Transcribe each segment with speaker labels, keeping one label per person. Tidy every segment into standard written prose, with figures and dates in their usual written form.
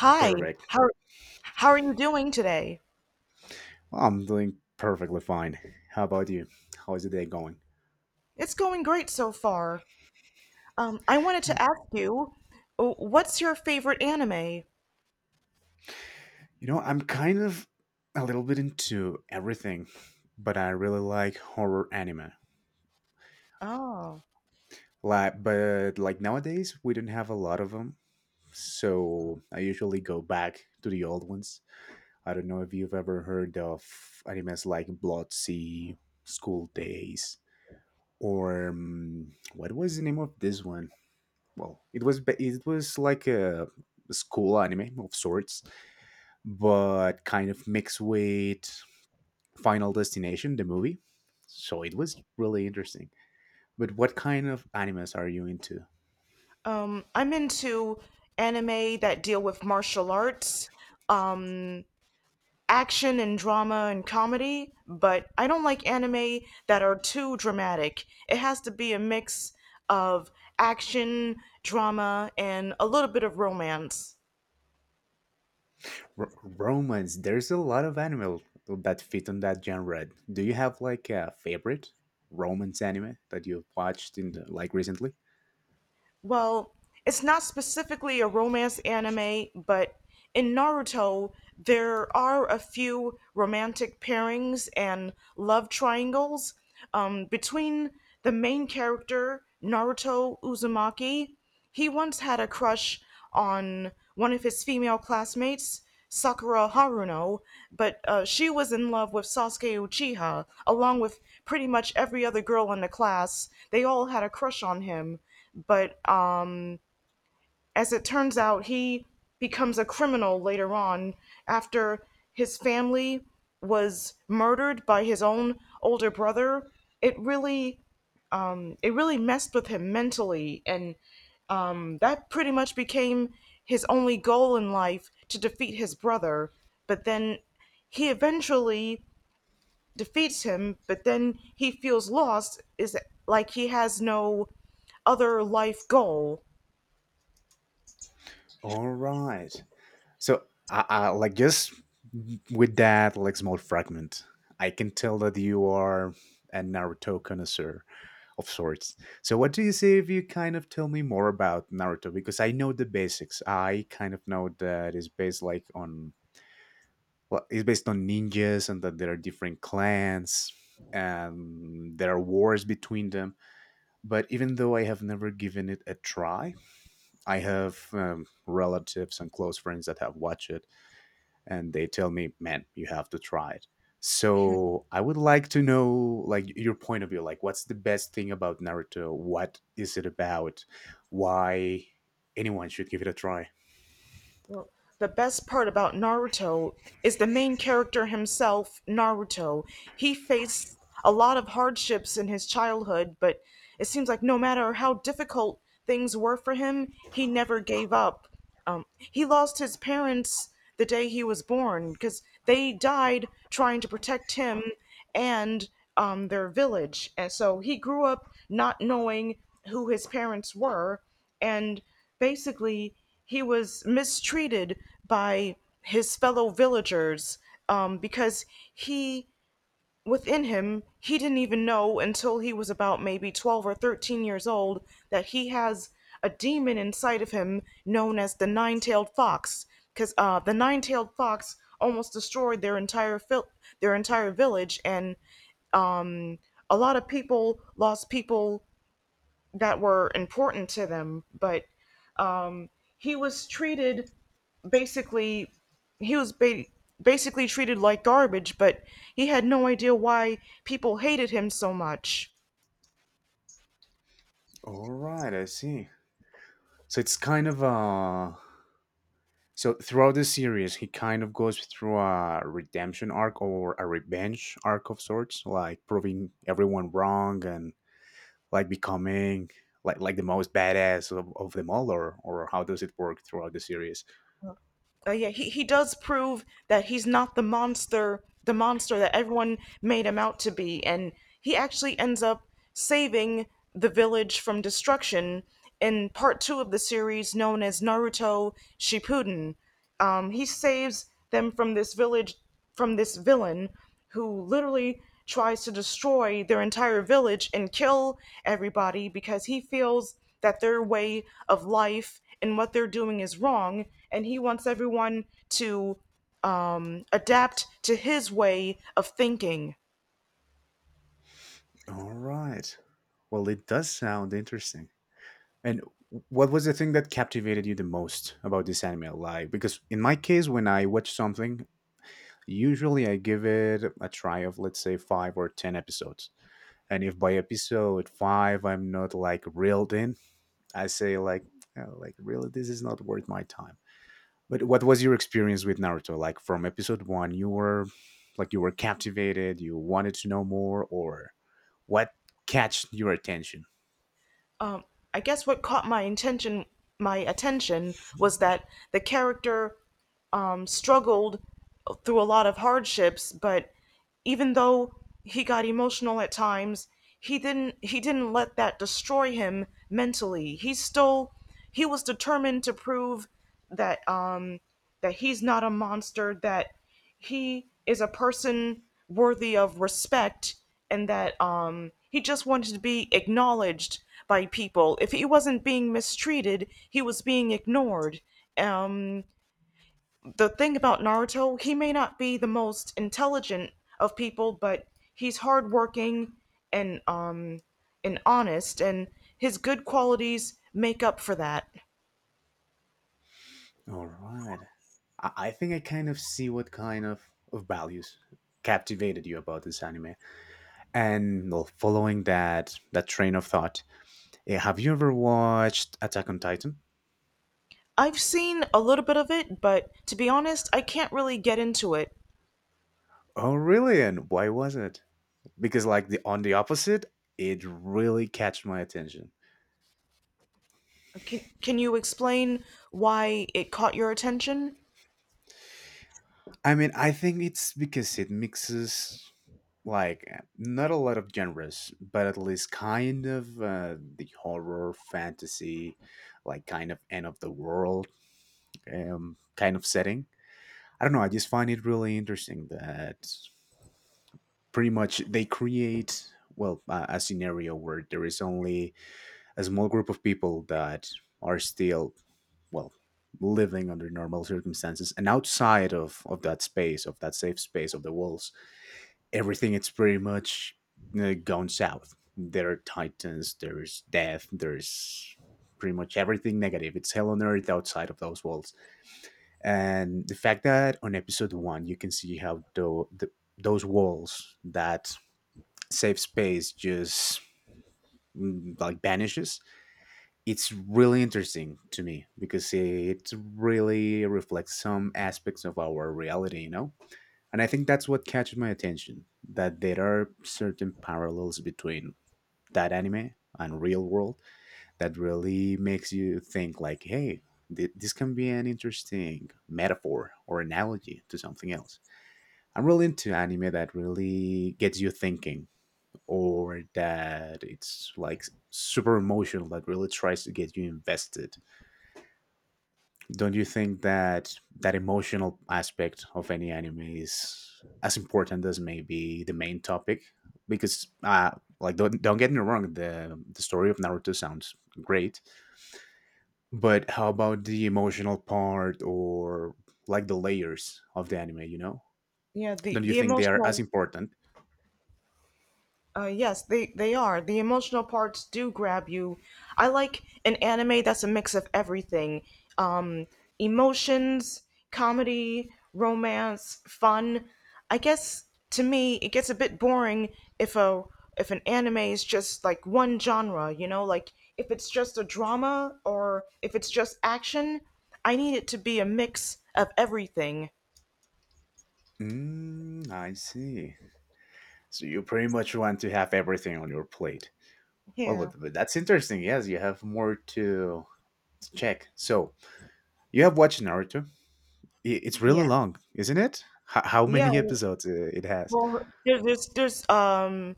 Speaker 1: Hi,
Speaker 2: Perfect.
Speaker 1: how how are you doing today?
Speaker 2: I'm doing perfectly fine. How about you? How is the day going?
Speaker 1: It's going great so far. I wanted
Speaker 2: Yeah.
Speaker 1: to ask you, what's your favorite anime?
Speaker 2: You know, I'm kind of a little bit into everything, but I really like horror anime.
Speaker 1: Oh,
Speaker 2: Like, but like nowadays, we don't have a lot of them, so I usually go back to the old ones. I don't know if you've ever heard of animes like Blood Sea, School Days, or what was the name of this one? Well, it was it was like a school anime of sorts, but kind of mixed with Final Destination, the movie. So it was really interesting. But what kind of animes are you into?
Speaker 1: I'm into anime that deal with martial arts, um, action and drama and comedy, but I don't like anime that are too dramatic. It has to be a mix of action, drama, and a little bit of romance.
Speaker 2: Romance. There's a lot of anime that fit on that genre. Do you have like a favorite romance anime that you've watched in the, like recently?
Speaker 1: Well, it's not specifically a romance anime, but in Naruto, there are a few romantic pairings and love triangles between the main character, Naruto Uzumaki. He once had a crush on one of his female classmates, Sakura Haruno, but she was in love with Sasuke Uchiha, along with pretty much every other girl in the class. They all had a crush on him, but as it turns out, he becomes a criminal later on after his family was murdered by his own older brother. It really it really messed with him mentally, and that pretty much became his only goal in life to defeat his brother. But then he eventually defeats him, but then he feels lost, is like he has no other life goal.
Speaker 2: All right. So, like just with that like small fragment, I can tell that you are a Naruto connoisseur of sorts. So, what do you say if you kind of tell me more about Naruto? Because I know the basics. I kind of know that it's based like on, well, it's based on ninjas and that there are different clans and there are wars between them. But even though I have never given it a try, I have relatives and close friends that have watched it, and they tell me, "Man, you have to try it." So I would like to know, like, your point of view. Like, what's the best thing about Naruto? What is it about? Why anyone should give it a try?
Speaker 1: Well, the best part about Naruto is the main character himself, Naruto. He faced a lot of hardships in his childhood, but it seems like no matter how difficult things were for him, he never gave up. Um, he lost his parents the day he was born because they died trying to protect him and their village. And so he grew up not knowing who his parents were and basically he was mistreated by his fellow villagers because he within him he didn't even know until he was about maybe 12 or 13 years old that he has a demon inside of him known as the nine-tailed fox because the nine-tailed fox almost destroyed their entire their entire village and a lot of people lost people that were important to them but he was treated basically he was basically treated like garbage, but he had no idea why people hated him so much.
Speaker 2: All right, I see. So it's kind of, so throughout the series he kind of goes through a redemption arc or a revenge arc of sorts, like proving everyone wrong and like becoming, like the most badass of them all, or how does it work throughout the series?
Speaker 1: Yeah, he does prove that he's not the monster that everyone made him out to be, and he actually ends up saving the village from destruction in part two of the series known as Naruto Shippuden. He saves them from this village from this villain who literally tries to destroy their entire village and kill everybody because he feels that their way of life and what they're doing is wrong and he wants everyone to adapt to his way of thinking.
Speaker 2: All right. Well, it does sound interesting. And what was the thing that captivated you the most about this anime? Like, because in my case, when I watch something, usually I give it a try of, let's say, five or 10 episodes. And if by episode five I'm not like reeled in, I say, like, "Oh, like really, this is not worth my time." But what was your experience with Naruto? Like, from episode one, you were like, you were captivated, you wanted to know more, or what catch your attention?
Speaker 1: um, I guess what caught my intention, my attention, was that the character struggled through a lot of hardships, but even though he got emotional at times, he didn't let that destroy him mentally. He still he was determined to prove that that he's not a monster. That he is a person worthy of respect and that he just wanted to be acknowledged by people. If he wasn't being mistreated he was being ignored. um the thing about Naruto, he may not be the most intelligent of people but he's hardworking and um and honest and his good qualities make up for that.
Speaker 2: All right. I think I kind of see what kind of values captivated you about this anime. And well, following that train of thought, have you ever watched Attack on Titan?
Speaker 1: I've seen a little bit of it but to be honest I can't really get into it.
Speaker 2: Oh, really? And why was it? Because like the on the opposite, it really catch my attention.
Speaker 1: Can you explain why it caught your attention?
Speaker 2: I mean, I think it's because it mixes like not a lot of genres, but at least kind of the horror, fantasy, like kind of end of the world kind of setting. I don't know. I just find it really interesting that pretty much they create, well, a scenario where there is only a small group of people that are still, well, living under normal circumstances, and outside of that space, of that safe space of the walls, everything it's pretty much gone south. There are titans, there's death, there's pretty much everything negative. It's hell on earth outside of those walls. And the fact that on episode one you can see how those walls, that safe space, just like vanishes. It's really interesting to me because it really reflects some aspects of our reality, you know? And I think that's what catches my attention, that there are certain parallels between that anime and real world that really makes you think like, hey, this can be an interesting metaphor or analogy to something else. I'm really into anime that really gets you thinking, or that it's like super emotional, that really tries to get you invested. Don't you think that that emotional aspect of any anime is as important as maybe the main topic? Because like, don't get me wrong, the story of Naruto sounds great, but how about the emotional part, or like the layers of the anime? You know,
Speaker 1: Yeah,
Speaker 2: don't you
Speaker 1: the
Speaker 2: think they are as
Speaker 1: emotional
Speaker 2: important?
Speaker 1: Yes, they are. The emotional parts do grab you. I like an anime that's a mix of everything. Um, emotions, comedy, romance, fun. I guess to me it gets a bit boring if a if an anime is just like one genre, you know, like if it's just a drama or if it's just action, I need it to be a mix of everything.
Speaker 2: Mm, I see. So you pretty much want to have everything on your plate. Well,
Speaker 1: Yeah.
Speaker 2: but, that's interesting. Yes, you have more to check. So you have watched Naruto. It's really
Speaker 1: Yeah.
Speaker 2: long, isn't it? How
Speaker 1: Yeah,
Speaker 2: many episodes it has?
Speaker 1: well, there's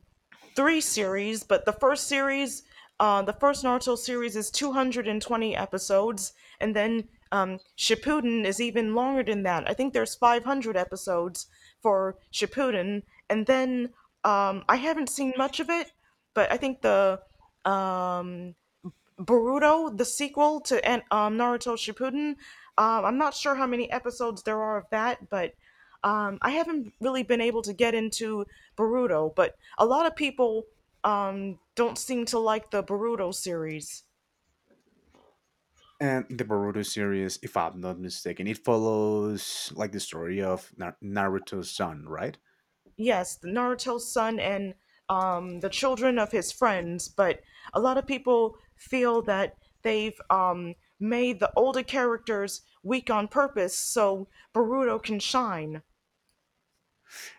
Speaker 1: three series, but the first series, the first Naruto series is 220 episodes, and then Shippuden is even longer than that. I think there's 500 episodes for Shippuden, and then I haven't seen much of it, but I think the um, Boruto, the sequel to and Naruto Shippuden. I'm not sure how many episodes there are of that, but I haven't really been able to get into Boruto. But a lot of people don't seem to like the Boruto series.
Speaker 2: And the Boruto series, if I'm not mistaken, it follows like the story of Naruto's son, right?
Speaker 1: Yes, the Naruto's son and the children of his friends, but a lot of people feel that they've made the older characters weak on purpose so Boruto can shine.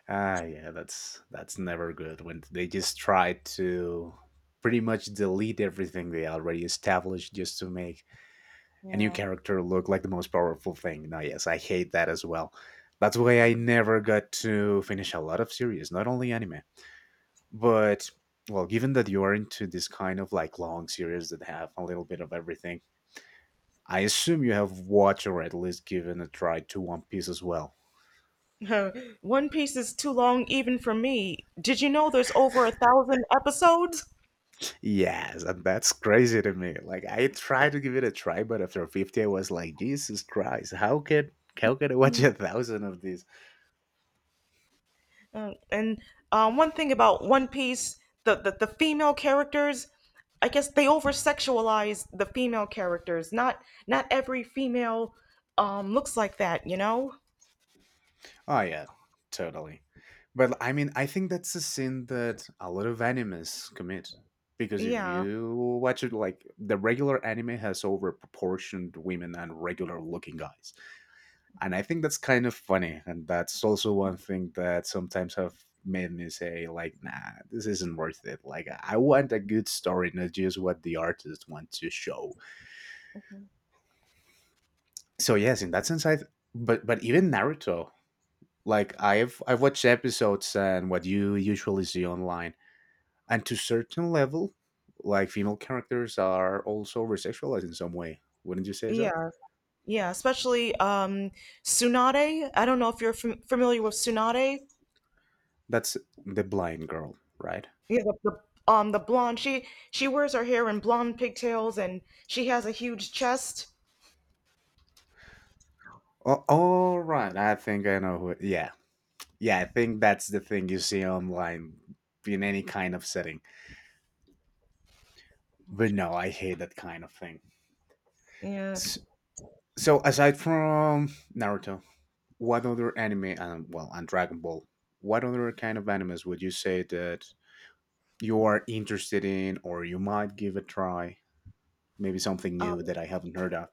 Speaker 2: Ah, yeah, that's never good when they just try to pretty much delete everything they already established just to make a new
Speaker 1: Yeah.
Speaker 2: character look like the most powerful thing. No, yes, I hate that as well. That's why I never got to finish a lot of series, not only anime. But well, given that you are into this kind of like long series that have a little bit of everything, I assume you have watched or at least given a try to One Piece as well.
Speaker 1: One Piece is too long even for me. Did you know there's over 1,000 episodes?
Speaker 2: Yes, and that's crazy to me. Like I tried to give it a try, but after 50 I was like, Jesus Christ, how could I watch a thousand of these?
Speaker 1: And one thing about One Piece, the female characters, I guess they over sexualize the female characters. Not not every female looks like that, you know?
Speaker 2: Oh yeah, totally. But I mean, I think that's a sin that a lot of animes commit, because if
Speaker 1: Yeah,
Speaker 2: you watch it, like the regular anime has overproportioned women and regular looking guys, and I think that's kind of funny, and that's also one thing that sometimes have made me say like, nah, this isn't worth it. Like, I want a good story, not just what the artist wants to show. So yes, in that sense, I. But even Naruto, like I've watched episodes and what you usually see online, and to certain level, like female characters are also resexualized in some way. Wouldn't you say so?
Speaker 1: yeah, yeah. Especially Tsunade. I don't know if you're familiar with Tsunade.
Speaker 2: That's the blind girl, right?
Speaker 1: Yeah, the the blonde. She wears her hair in blonde pigtails, and she has a huge chest.
Speaker 2: Oh, all right. I think I know who. Yeah, yeah. I think that's the thing you see online in any kind of setting. But no, I hate that kind of thing.
Speaker 1: Yeah.
Speaker 2: S- So, aside from Naruto, what other anime, and well, and Dragon Ball, what other kind of animes would you say that you are interested in, or you might give a try. Maybe something
Speaker 1: Um.
Speaker 2: new that I haven't heard of.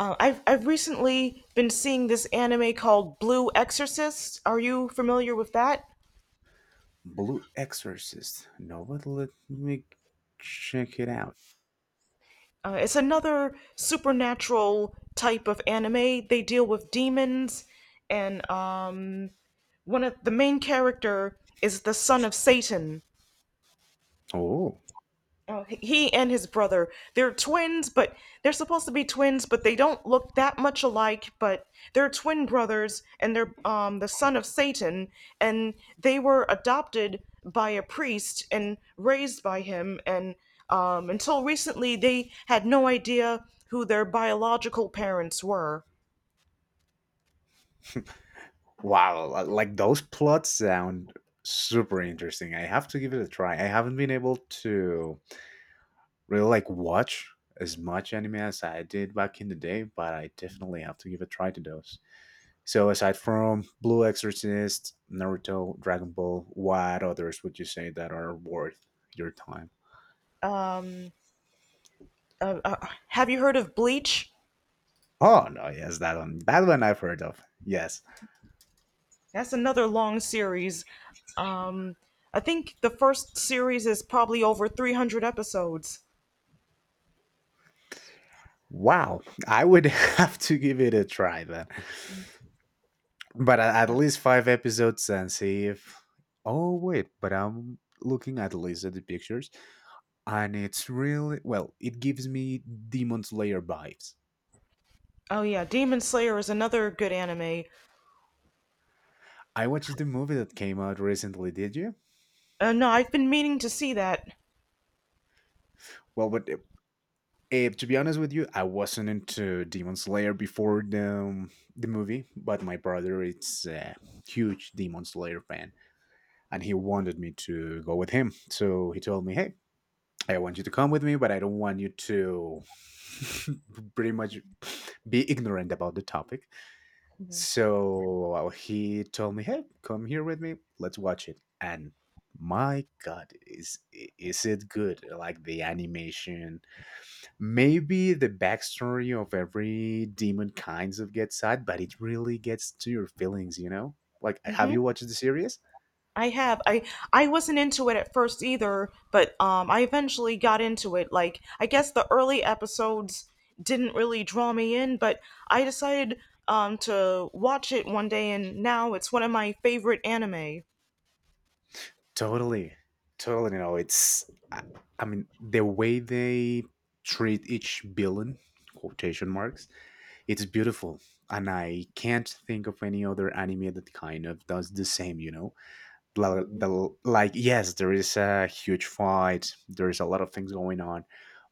Speaker 1: I've recently been seeing this anime called Blue Exorcist. Are you familiar with that?
Speaker 2: Blue Exorcist. No, but let me check it out.
Speaker 1: It's another supernatural type of anime. They deal with demons, and one of the main character is the son of Satan.
Speaker 2: Oh,
Speaker 1: Oh, he and his brother, they're twins, but they're supposed to be twins, but they don't look that much alike. But they're twin brothers, and they're the son of Satan, and they were adopted by a priest and raised by him. And until recently, they had no idea who their biological parents were.
Speaker 2: wow. Like those plots sound super interesting. I have to give it a try. I haven't been able to really like watch as much anime as I did back in the day, but I definitely have to give a try to those. So aside from Blue Exorcist, Naruto, Dragon Ball, what others would you say that are worth your time?
Speaker 1: Have you heard of Bleach?
Speaker 2: Oh no, yes, that one. That one I've heard of. Yes.
Speaker 1: That's another long series. Um, I think the first series is probably over 300 episodes.
Speaker 2: Wow. I would have to give it a try then. But at least five episodes and see if. Oh wait, but I'm looking at the least at the pictures, and it's really, well, it gives me Demon Slayer vibes.
Speaker 1: Oh yeah, Demon Slayer is another good anime.
Speaker 2: I watched the movie that came out recently, did you?
Speaker 1: No, I've been meaning to see that.
Speaker 2: Well, but, to be honest with you, I wasn't into Demon Slayer before the movie, but my brother is a huge Demon Slayer fan, and he wanted me to go with him. So he told me, "Hey, I want you to come with me, but I don't want you to pretty much be ignorant about the topic." So well, he told me, "Hey, come here with me. Let's watch it." And my God, is it good? Like the animation, maybe the backstory of every demon kinds of gets sad, but it really gets to your feelings, you know? Like, have
Speaker 1: hmm
Speaker 2: you watched the series?
Speaker 1: I have. I wasn't into it at first either, but I eventually got into it. Like, I guess the early episodes didn't really draw me in, but I decided to watch it one day, and now it's one of my favorite anime.
Speaker 2: Totally. Totally. You know, it's, I mean, the way they treat each villain, quotation marks, it's beautiful. And I can't think of any other anime that kind of does the same, you know? Like, the, like yes, there is a huge fight, there is a lot of things going on,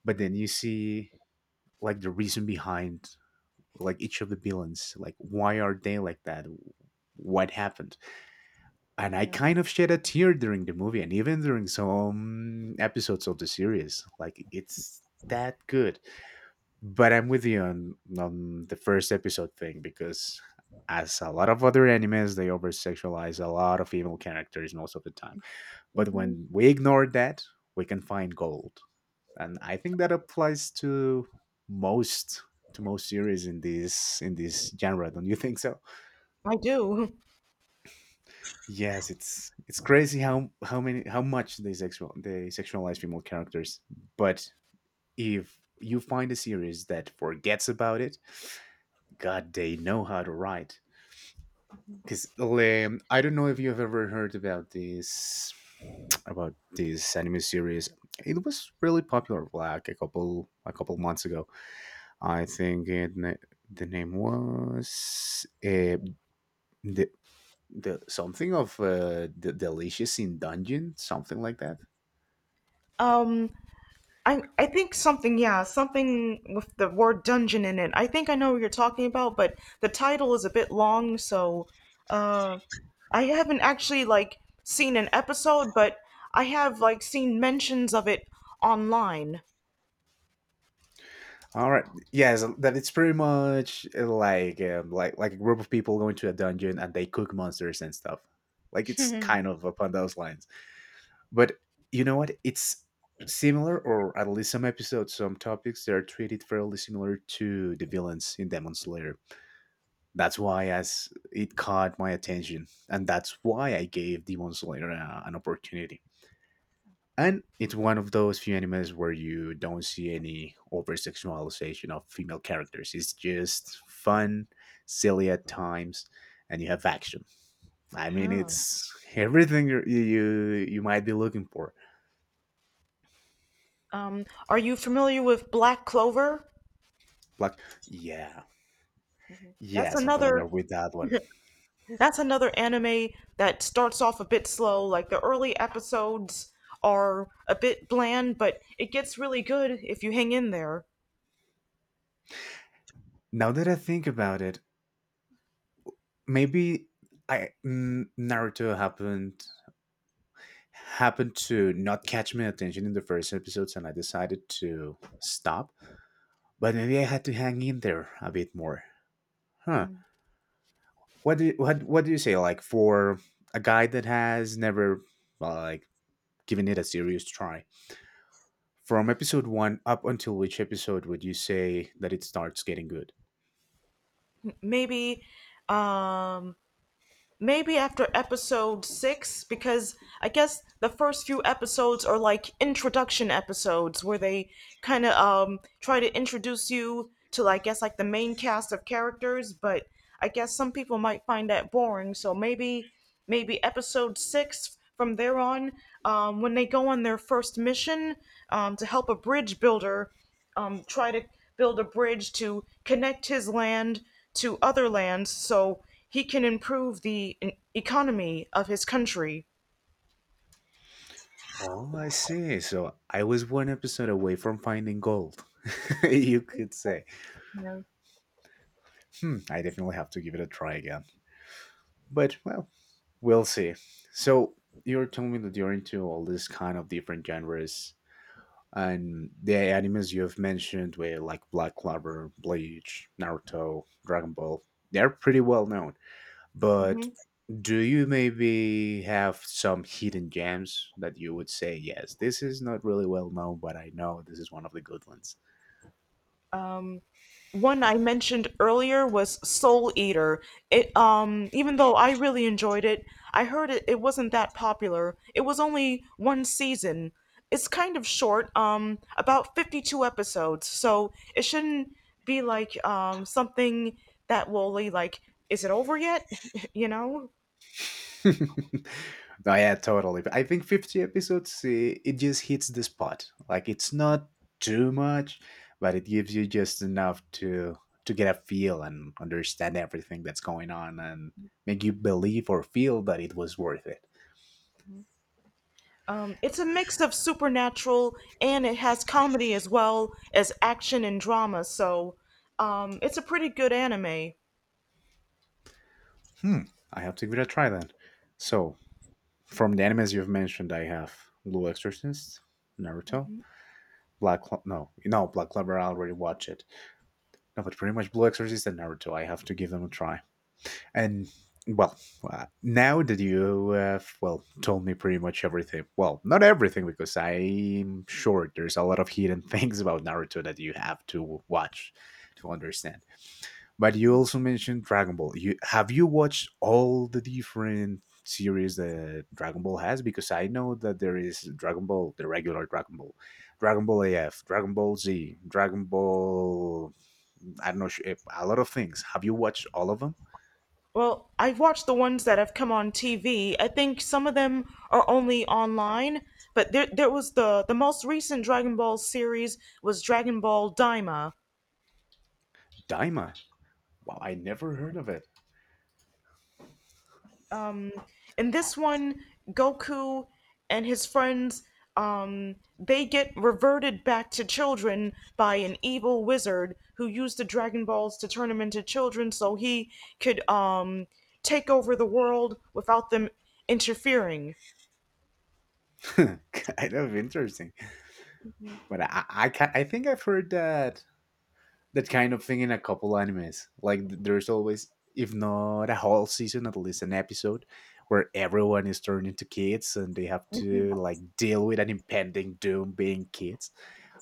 Speaker 2: but then you see like the reason behind, like each of the villains, like why are they like that, what happened. And I kind of shed a tear during the movie and even during some episodes of the series. Like, it's that good. But I'm with you on the first episode thing, because as a lot of other animes, they over sexualize a lot of female characters most of the time, but when we ignore that, we can find gold. And I think that applies to most, to most series in this genre. Don't you think so?
Speaker 1: I do.
Speaker 2: Yes, it's crazy how much they sexualize female characters. But if you find a series that forgets about it, God, they know how to write. Because I don't know if you've ever heard about this anime series. It was really popular like a couple months ago. I think it, na- The name was the the something of the delicious in dungeon, something like that.
Speaker 1: Um, I think something, yeah, something with the word dungeon in it. I think I know what you're talking about, but the title is a bit long, so uh I haven't actually like seen an episode, but I have like seen mentions of it online.
Speaker 2: All right, yes, that it's pretty much like like a group of people going to a dungeon and they cook monsters and stuff. Like it's kind of upon those lines, but you know what? It's similar, or at least some episodes, some topics they are treated fairly similar to the villains in Demon Slayer. That's why as it caught my attention, and that's why I gave Demon Slayer a, an opportunity. And it's one of those few animes where you don't see any over sexualization of female characters. It's just fun, silly at times, and you have action. I mean,
Speaker 1: Huh.
Speaker 2: it's everything you might be looking for.
Speaker 1: Are you familiar with Black Clover?
Speaker 2: Like yeah,
Speaker 1: That's
Speaker 2: yes, I'm
Speaker 1: another
Speaker 2: familiar with that one.
Speaker 1: that's another anime that starts off a bit slow. Like the early episodes are a bit bland, but it gets really good if you hang in there.
Speaker 2: Now that I think about it, maybe Naruto happened to not catch my attention in the first episodes, and I decided to stop. But maybe I had to hang in there a bit more. Huh. What do you say, like, for a guy that has never, well, like, given it a serious try? From episode 1 up until which episode would you say that it starts getting good?
Speaker 1: maybe um maybe after episode 6 because I guess the first few episodes are like introduction episodes where they kind of try to introduce you to I guess like the main cast of characters, but I guess some people might find that boring, so maybe episode 6 from there on when they go on their first mission to help a bridge builder try to build a bridge to connect his land to other lands so he can improve the economy of his country.
Speaker 2: Oh, I see. So I was one episode away from finding gold, you could say.
Speaker 1: Yeah.
Speaker 2: Hmm, I definitely have to give it a try again. But well, we'll see. So you're telling me that you're into all these kind of different genres, and the animes you have mentioned were like Black Clover, Bleach, Naruto, Dragon Ball. They're pretty well known,
Speaker 1: Mm-hmm.
Speaker 2: but do you maybe have some hidden gems that you would say, yes, this is not really well known, but I know this is one of the good ones?
Speaker 1: One I mentioned earlier was Soul Eater. It even though I really enjoyed it, I heard it, it wasn't that popular. It was only one season. It's kind of short, about 52 episodes. So it shouldn't be like something that will be like is it over yet? You know?
Speaker 2: Oh yeah, totally. But I think 50 episodes, it just hits the spot. Like it's not too much, but it gives you just enough to get a feel and understand everything that's going on and make you believe or feel that it was worth it.
Speaker 1: It's a mix of supernatural and it has comedy as well as action and drama. So it's a pretty good anime.
Speaker 2: Hmm, I have to give it a try then. So, from the animes you've mentioned, I have Blue Exorcist, Naruto, Black Clo- no, no, Black Clover. I already watched it. No, but pretty much Blue Exorcist and Naruto. I have to give them a try. And well, now that you have, well, told me pretty much everything, well, not everything, because I'm sure there's a lot of hidden things about Naruto that you have to watch to understand. But you also mentioned Dragon Ball. You have you watched all the different series that Dragon Ball has? Because I know that there is Dragon Ball, the regular Dragon Ball, Dragon Ball AF, Dragon Ball Z, Dragon Ball. I don't know, sh- eh, a lot of things. Have you watched all of them?
Speaker 1: Well, I've watched the ones that have come on TV. I think some of them are only online, but there was the most recent Dragon Ball series was Dragon Ball Daima.
Speaker 2: Daima. Wow, I never heard of it.
Speaker 1: Um, in this one, Goku and his friends they get reverted back to children by an evil wizard who used the Dragon Balls to turn them into children so he could take over the world without them interfering.
Speaker 2: Kind of interesting, but I think I've heard that that kind of thing in a couple animes. Like th- there's always, if not a whole season, at least an episode where everyone is turned into kids and they have to like deal with an impending doom being kids.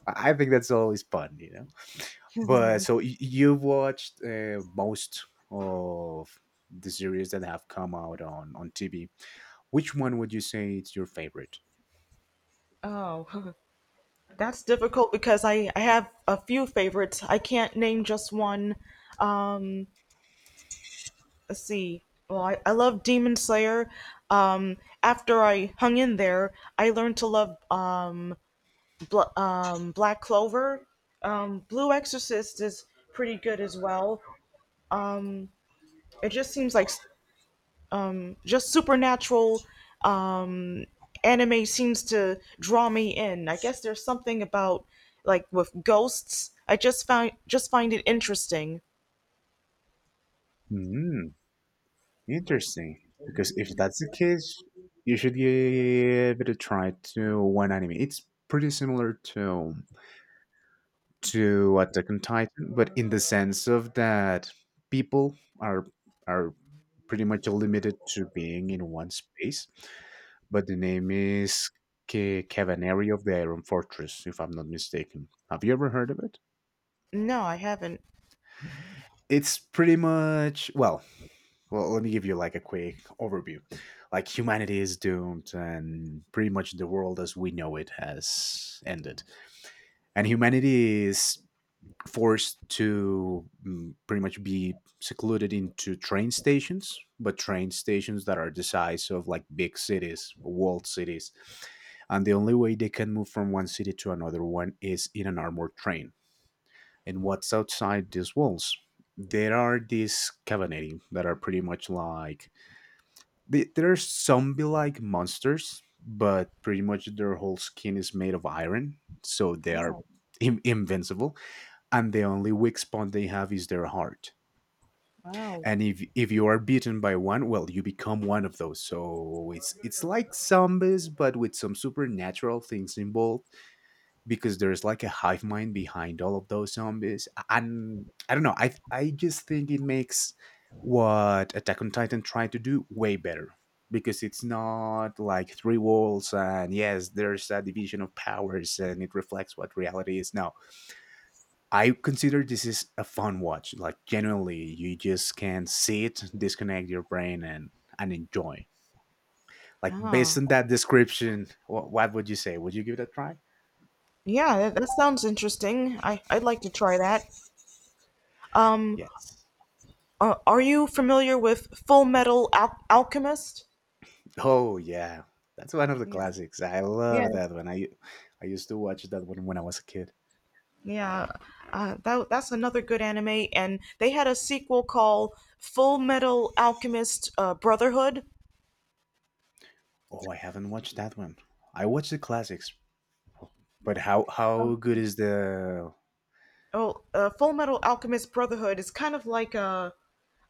Speaker 2: I think that's always fun, you know. But so y- you've watched most of the series that have come out on TV. Which one would you say is your favorite?
Speaker 1: Oh. That's difficult because I have a few favorites. I can't name just one. Um, let's see. Well, I love Demon Slayer. Um, after I hung in there, I learned to love Black Clover. Blue Exorcist is pretty good as well. It just seems like just supernatural um, anime seems to draw me in. I guess there's something about like with ghosts. I just find it interesting.
Speaker 2: Hmm. Interesting. Because if that's the case, you should give it a try to one anime. It's pretty similar to Attack on Titan, but in the sense of that people are pretty much limited to being in one space. But the name is Ke- Cavaneri of the Iron Fortress, if I'm not mistaken. Have you ever heard of it?
Speaker 1: No, I haven't.
Speaker 2: It's pretty much well. Well, let me give you like a quick overview. Like humanity is doomed and pretty much the world as we know it has ended, and humanity is forced to pretty much be secluded into train stations, but train stations that are the size of like big cities, walled cities. And the only way they can move from one city to another one is in an armored train. And what's outside these walls, there are these cavalry that are pretty much like, they, there are zombie-like monsters, but pretty much their whole skin is made of iron, so they are
Speaker 1: Oh,
Speaker 2: in- invincible. And the only weak spot they have is their heart.
Speaker 1: wow.
Speaker 2: And if you are beaten by one, well, you become one of those. So it's like zombies, but with some supernatural things involved, because there's like a hive mind behind all of those zombies. And I don't know. I just think it makes what Attack on Titan tried to do way better, because it's not like three walls and yes, there's a division of powers and it reflects what reality is. No, I consider this is a fun watch. Like genuinely, you just can sit, disconnect your brain, and enjoy. Like based
Speaker 1: Huh.
Speaker 2: on that description, what would you say? Would you give it a try?
Speaker 1: Yeah, that, that sounds interesting. I'd like to try that. Um,
Speaker 2: Yes.
Speaker 1: are you familiar with Full Metal Alchemist?
Speaker 2: Oh yeah, that's one of the
Speaker 1: Yeah.
Speaker 2: classics. I
Speaker 1: Yeah.
Speaker 2: love that one. I used to watch that one when I was a kid.
Speaker 1: Yeah. That, that's another good anime, and they had a sequel called Full Metal Alchemist Brotherhood.
Speaker 2: Oh, I haven't watched that one. I watch the classics, but how good is the?
Speaker 1: Oh, Full Metal Alchemist Brotherhood is kind of like a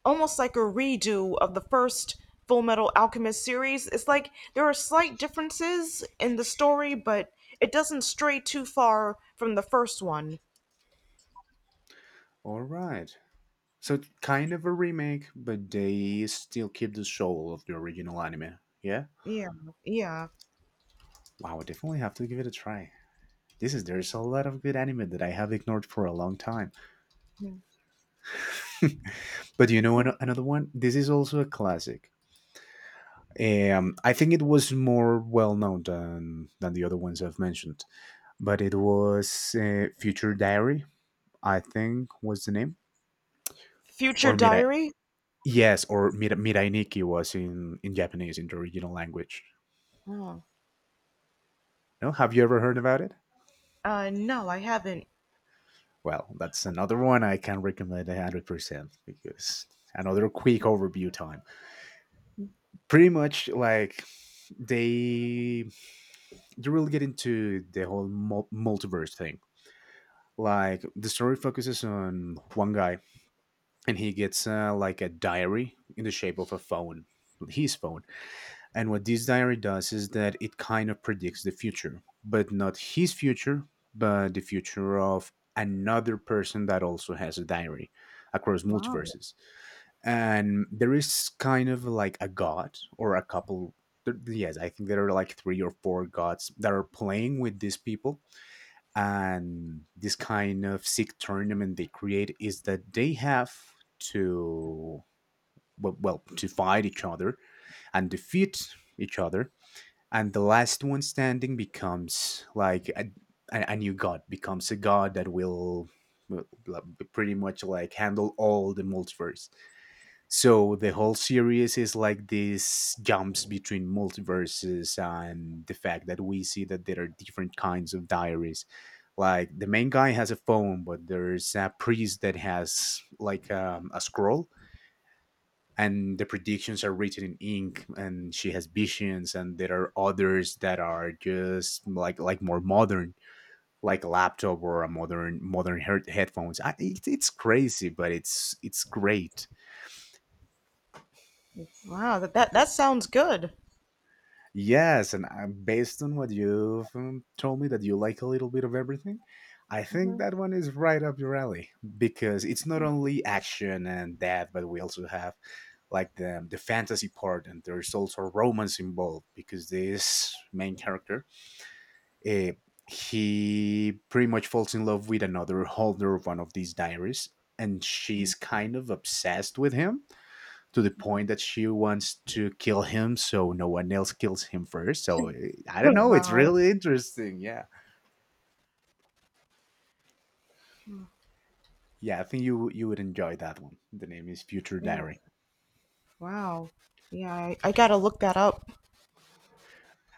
Speaker 1: almost like a redo of the first Full Metal Alchemist series. It's like there are slight differences in the story, but it doesn't stray too far from the first one.
Speaker 2: All right, so it's kind of a remake, but they still keep the soul of the original anime. Yeah.
Speaker 1: Yeah, yeah.
Speaker 2: Wow, I definitely have to give it a try. This is there's a lot of good anime that I have ignored for a long time.
Speaker 1: Hmm.
Speaker 2: But you know ano- another one. This is also a classic. I think it was more well known than the other ones I've mentioned, but it was Future Diary, I think was the name,
Speaker 1: Future
Speaker 2: or Mirai.
Speaker 1: Diary?
Speaker 2: Yes, or Mira, Mirai Nikki was in Japanese in the original language.
Speaker 1: Oh.
Speaker 2: No, have you ever heard about it?
Speaker 1: No, I haven't.
Speaker 2: Well, that's another one I can recommend 100%, because another quick overview time. Pretty much like they you really get into the whole mul- multiverse thing. Like the story focuses on one guy, and he gets like a diary in the shape of a phone, his phone. And what this diary does is that it kind of predicts the future, but not his future, but the future of another person that also has a diary across
Speaker 1: Wow,
Speaker 2: multiverses. And there is kind of like a god or a couple there- yes, I think there are like 3 or 4 gods that are playing with these people. And this kind of sick tournament they create is that they have to, well, well, to fight each other and defeat each other, and the last one standing becomes like a new god, becomes a god that will, like, pretty much like handle all the multiverse. So the whole series is like these jumps between multiverses and the fact that we see that there are different kinds of diaries. Like the main guy has a phone, but there's a priest that has like a scroll, and the predictions are written in ink, and she has visions, and there are others that are just like more modern, like a laptop or a modern head- headphones. I, it's crazy, but it's great.
Speaker 1: wow, that, that that sounds good.
Speaker 2: Yes, and based on what you've told me that you like a little bit of everything, I think that one is right up your alley, because it's not only action and that, but we also have like the fantasy part, and there's also romance involved because this main character, uh, he pretty much falls in love with another holder of one of these diaries, and she's kind of obsessed with him to the point that she wants to kill him so no one else kills him first. So eh, I don't know. It's
Speaker 1: Wow,
Speaker 2: really interesting. Yeah, yeah. I think you would enjoy that one. The name is Future
Speaker 1: yeah,
Speaker 2: Diary,
Speaker 1: wow, yeah. I gotta look that up.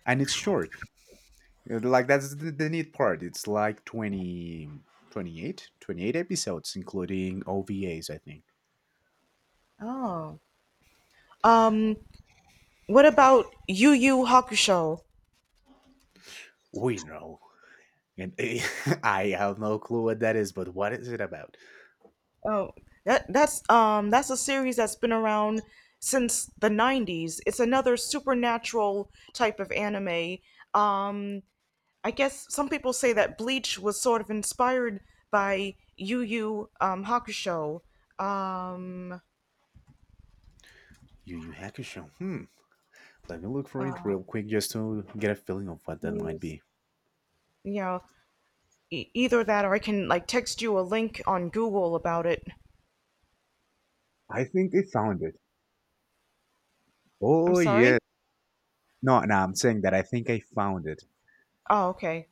Speaker 2: and it's short. Like that's the neat part. It's like 28 episodes, including OVAs. I think.
Speaker 1: Oh, um, what about Yu Yu Hakusho?
Speaker 2: We know. And I have no clue what that is, but what is it about?
Speaker 1: Oh, that's a series that's been around since the 90s. It's another supernatural type of anime. Um I guess some people say that Bleach was sort of inspired by Yu Yu Hakusho. Um
Speaker 2: Yu Yu Hakusho. Hmm. Let me look for it
Speaker 1: uh,
Speaker 2: real quick just to get a feeling of what that might
Speaker 1: please,
Speaker 2: be.
Speaker 1: you know, either that or I can like text you a link on Google about it.
Speaker 2: I think I found it.
Speaker 1: I'm
Speaker 2: Oh yeah.
Speaker 1: sorry?
Speaker 2: No, no, I'm saying that I think I found it.
Speaker 1: Oh, okay.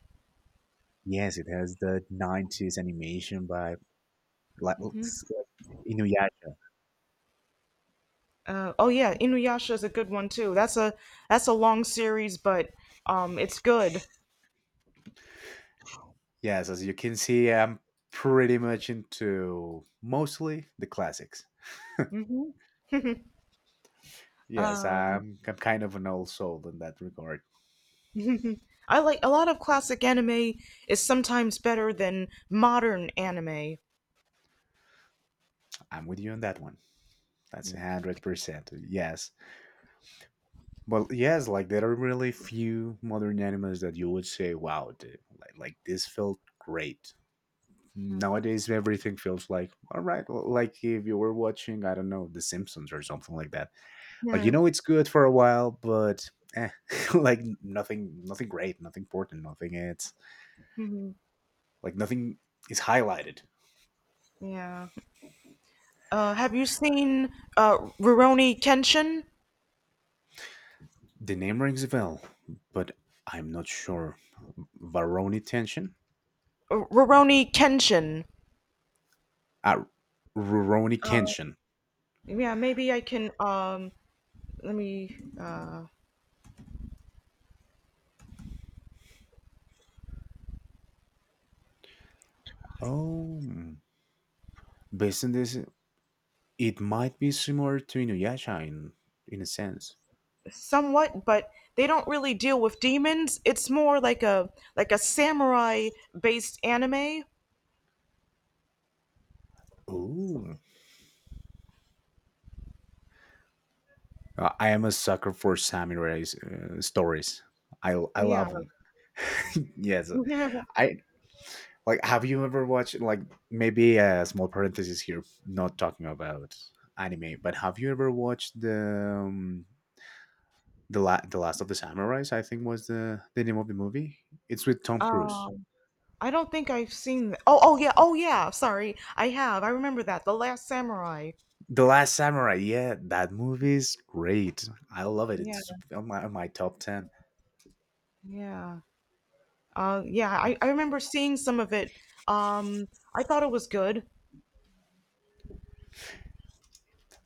Speaker 2: Yes, it has the 90s animation by like looks like Inuyasha.
Speaker 1: Oh yeah, Inuyasha is a good one too. That's a long series, but it's good.
Speaker 2: Yes, as you can see, I'm pretty much into mostly the classics.
Speaker 1: hmm
Speaker 2: Yes,
Speaker 1: Um,
Speaker 2: I'm kind of an old soul in that regard.
Speaker 1: I like a lot of classic anime is sometimes better than modern anime.
Speaker 2: I'm with you on that one. That's 100%. Yes, but yes, like there are really few modern animals that you would say, "Wow, dude, like this felt great." Nowadays everything feels like, all right, l- like if you were watching, I don't know, the Simpsons or something like that. Like
Speaker 1: Yeah.
Speaker 2: you know it's good for a while, but eh, like nothing, nothing great, nothing important, nothing. It's
Speaker 1: Mhm.
Speaker 2: like nothing is highlighted.
Speaker 1: Yeah. Have you seen Rurouni Kenshin?
Speaker 2: The name rings a bell, but I'm not sure. Varoni tension.
Speaker 1: Rurouni Kenshin.
Speaker 2: Ah, Ruroni Kenshin.
Speaker 1: Yeah, maybe I can. Let me.
Speaker 2: Oh mm. Based on this, it might be similar to Inuyasha in a sense.
Speaker 1: Somewhat, but they don't really deal with demons. It's more like a samurai based anime.
Speaker 2: Oh. I am a sucker for samurai stories. I
Speaker 1: Yeah.
Speaker 2: love them. Yes, I like. Have you ever watched like maybe a small parenthesis here? Not talking about anime, but have you ever watched um, the la- the Last of the Samurais? I think was the name of the movie. It's with Tom Cruise.
Speaker 1: um, I don't think I've seen. Oh, oh yeah, oh yeah. Sorry, I have. I remember that. The Last Samurai.
Speaker 2: The Last Samurai. Yeah, that movie is great. I love it.
Speaker 1: Yeah,
Speaker 2: It's on my top 10.
Speaker 1: yeah, yeah. I remember seeing some of it. Um, I thought it was good.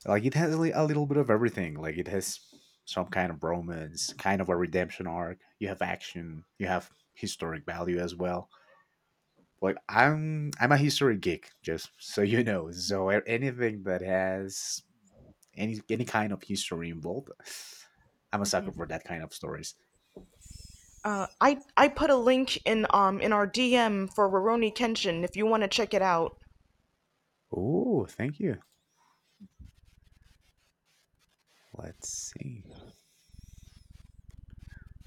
Speaker 2: Like it has li- a little bit of everything. Like it has some kind of romance, kind of a redemption arc. You have action. You have historic value as well. Like I'm a history geek, just so you know. So a- anything that has any kind of history involved, I'm a sucker for that kind of stories.
Speaker 1: I put a link in our DM for Roroni Kenshin if you want to check it out.
Speaker 2: Oh, thank you. Let's see.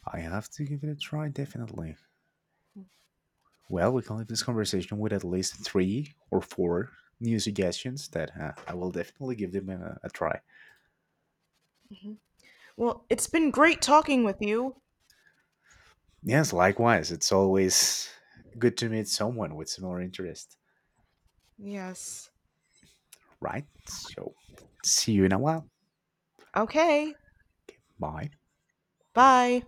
Speaker 2: I have to give it a try, definitely. Well, we can leave this conversation with at least 3 or 4 new suggestions that I will definitely give them a try.
Speaker 1: Well, it's been great talking with you.
Speaker 2: Yes, likewise. It's always good to meet someone with similar interest,
Speaker 1: Yes.
Speaker 2: right? So, see you in a while.
Speaker 1: Okay.
Speaker 2: Okay, bye.
Speaker 1: Bye.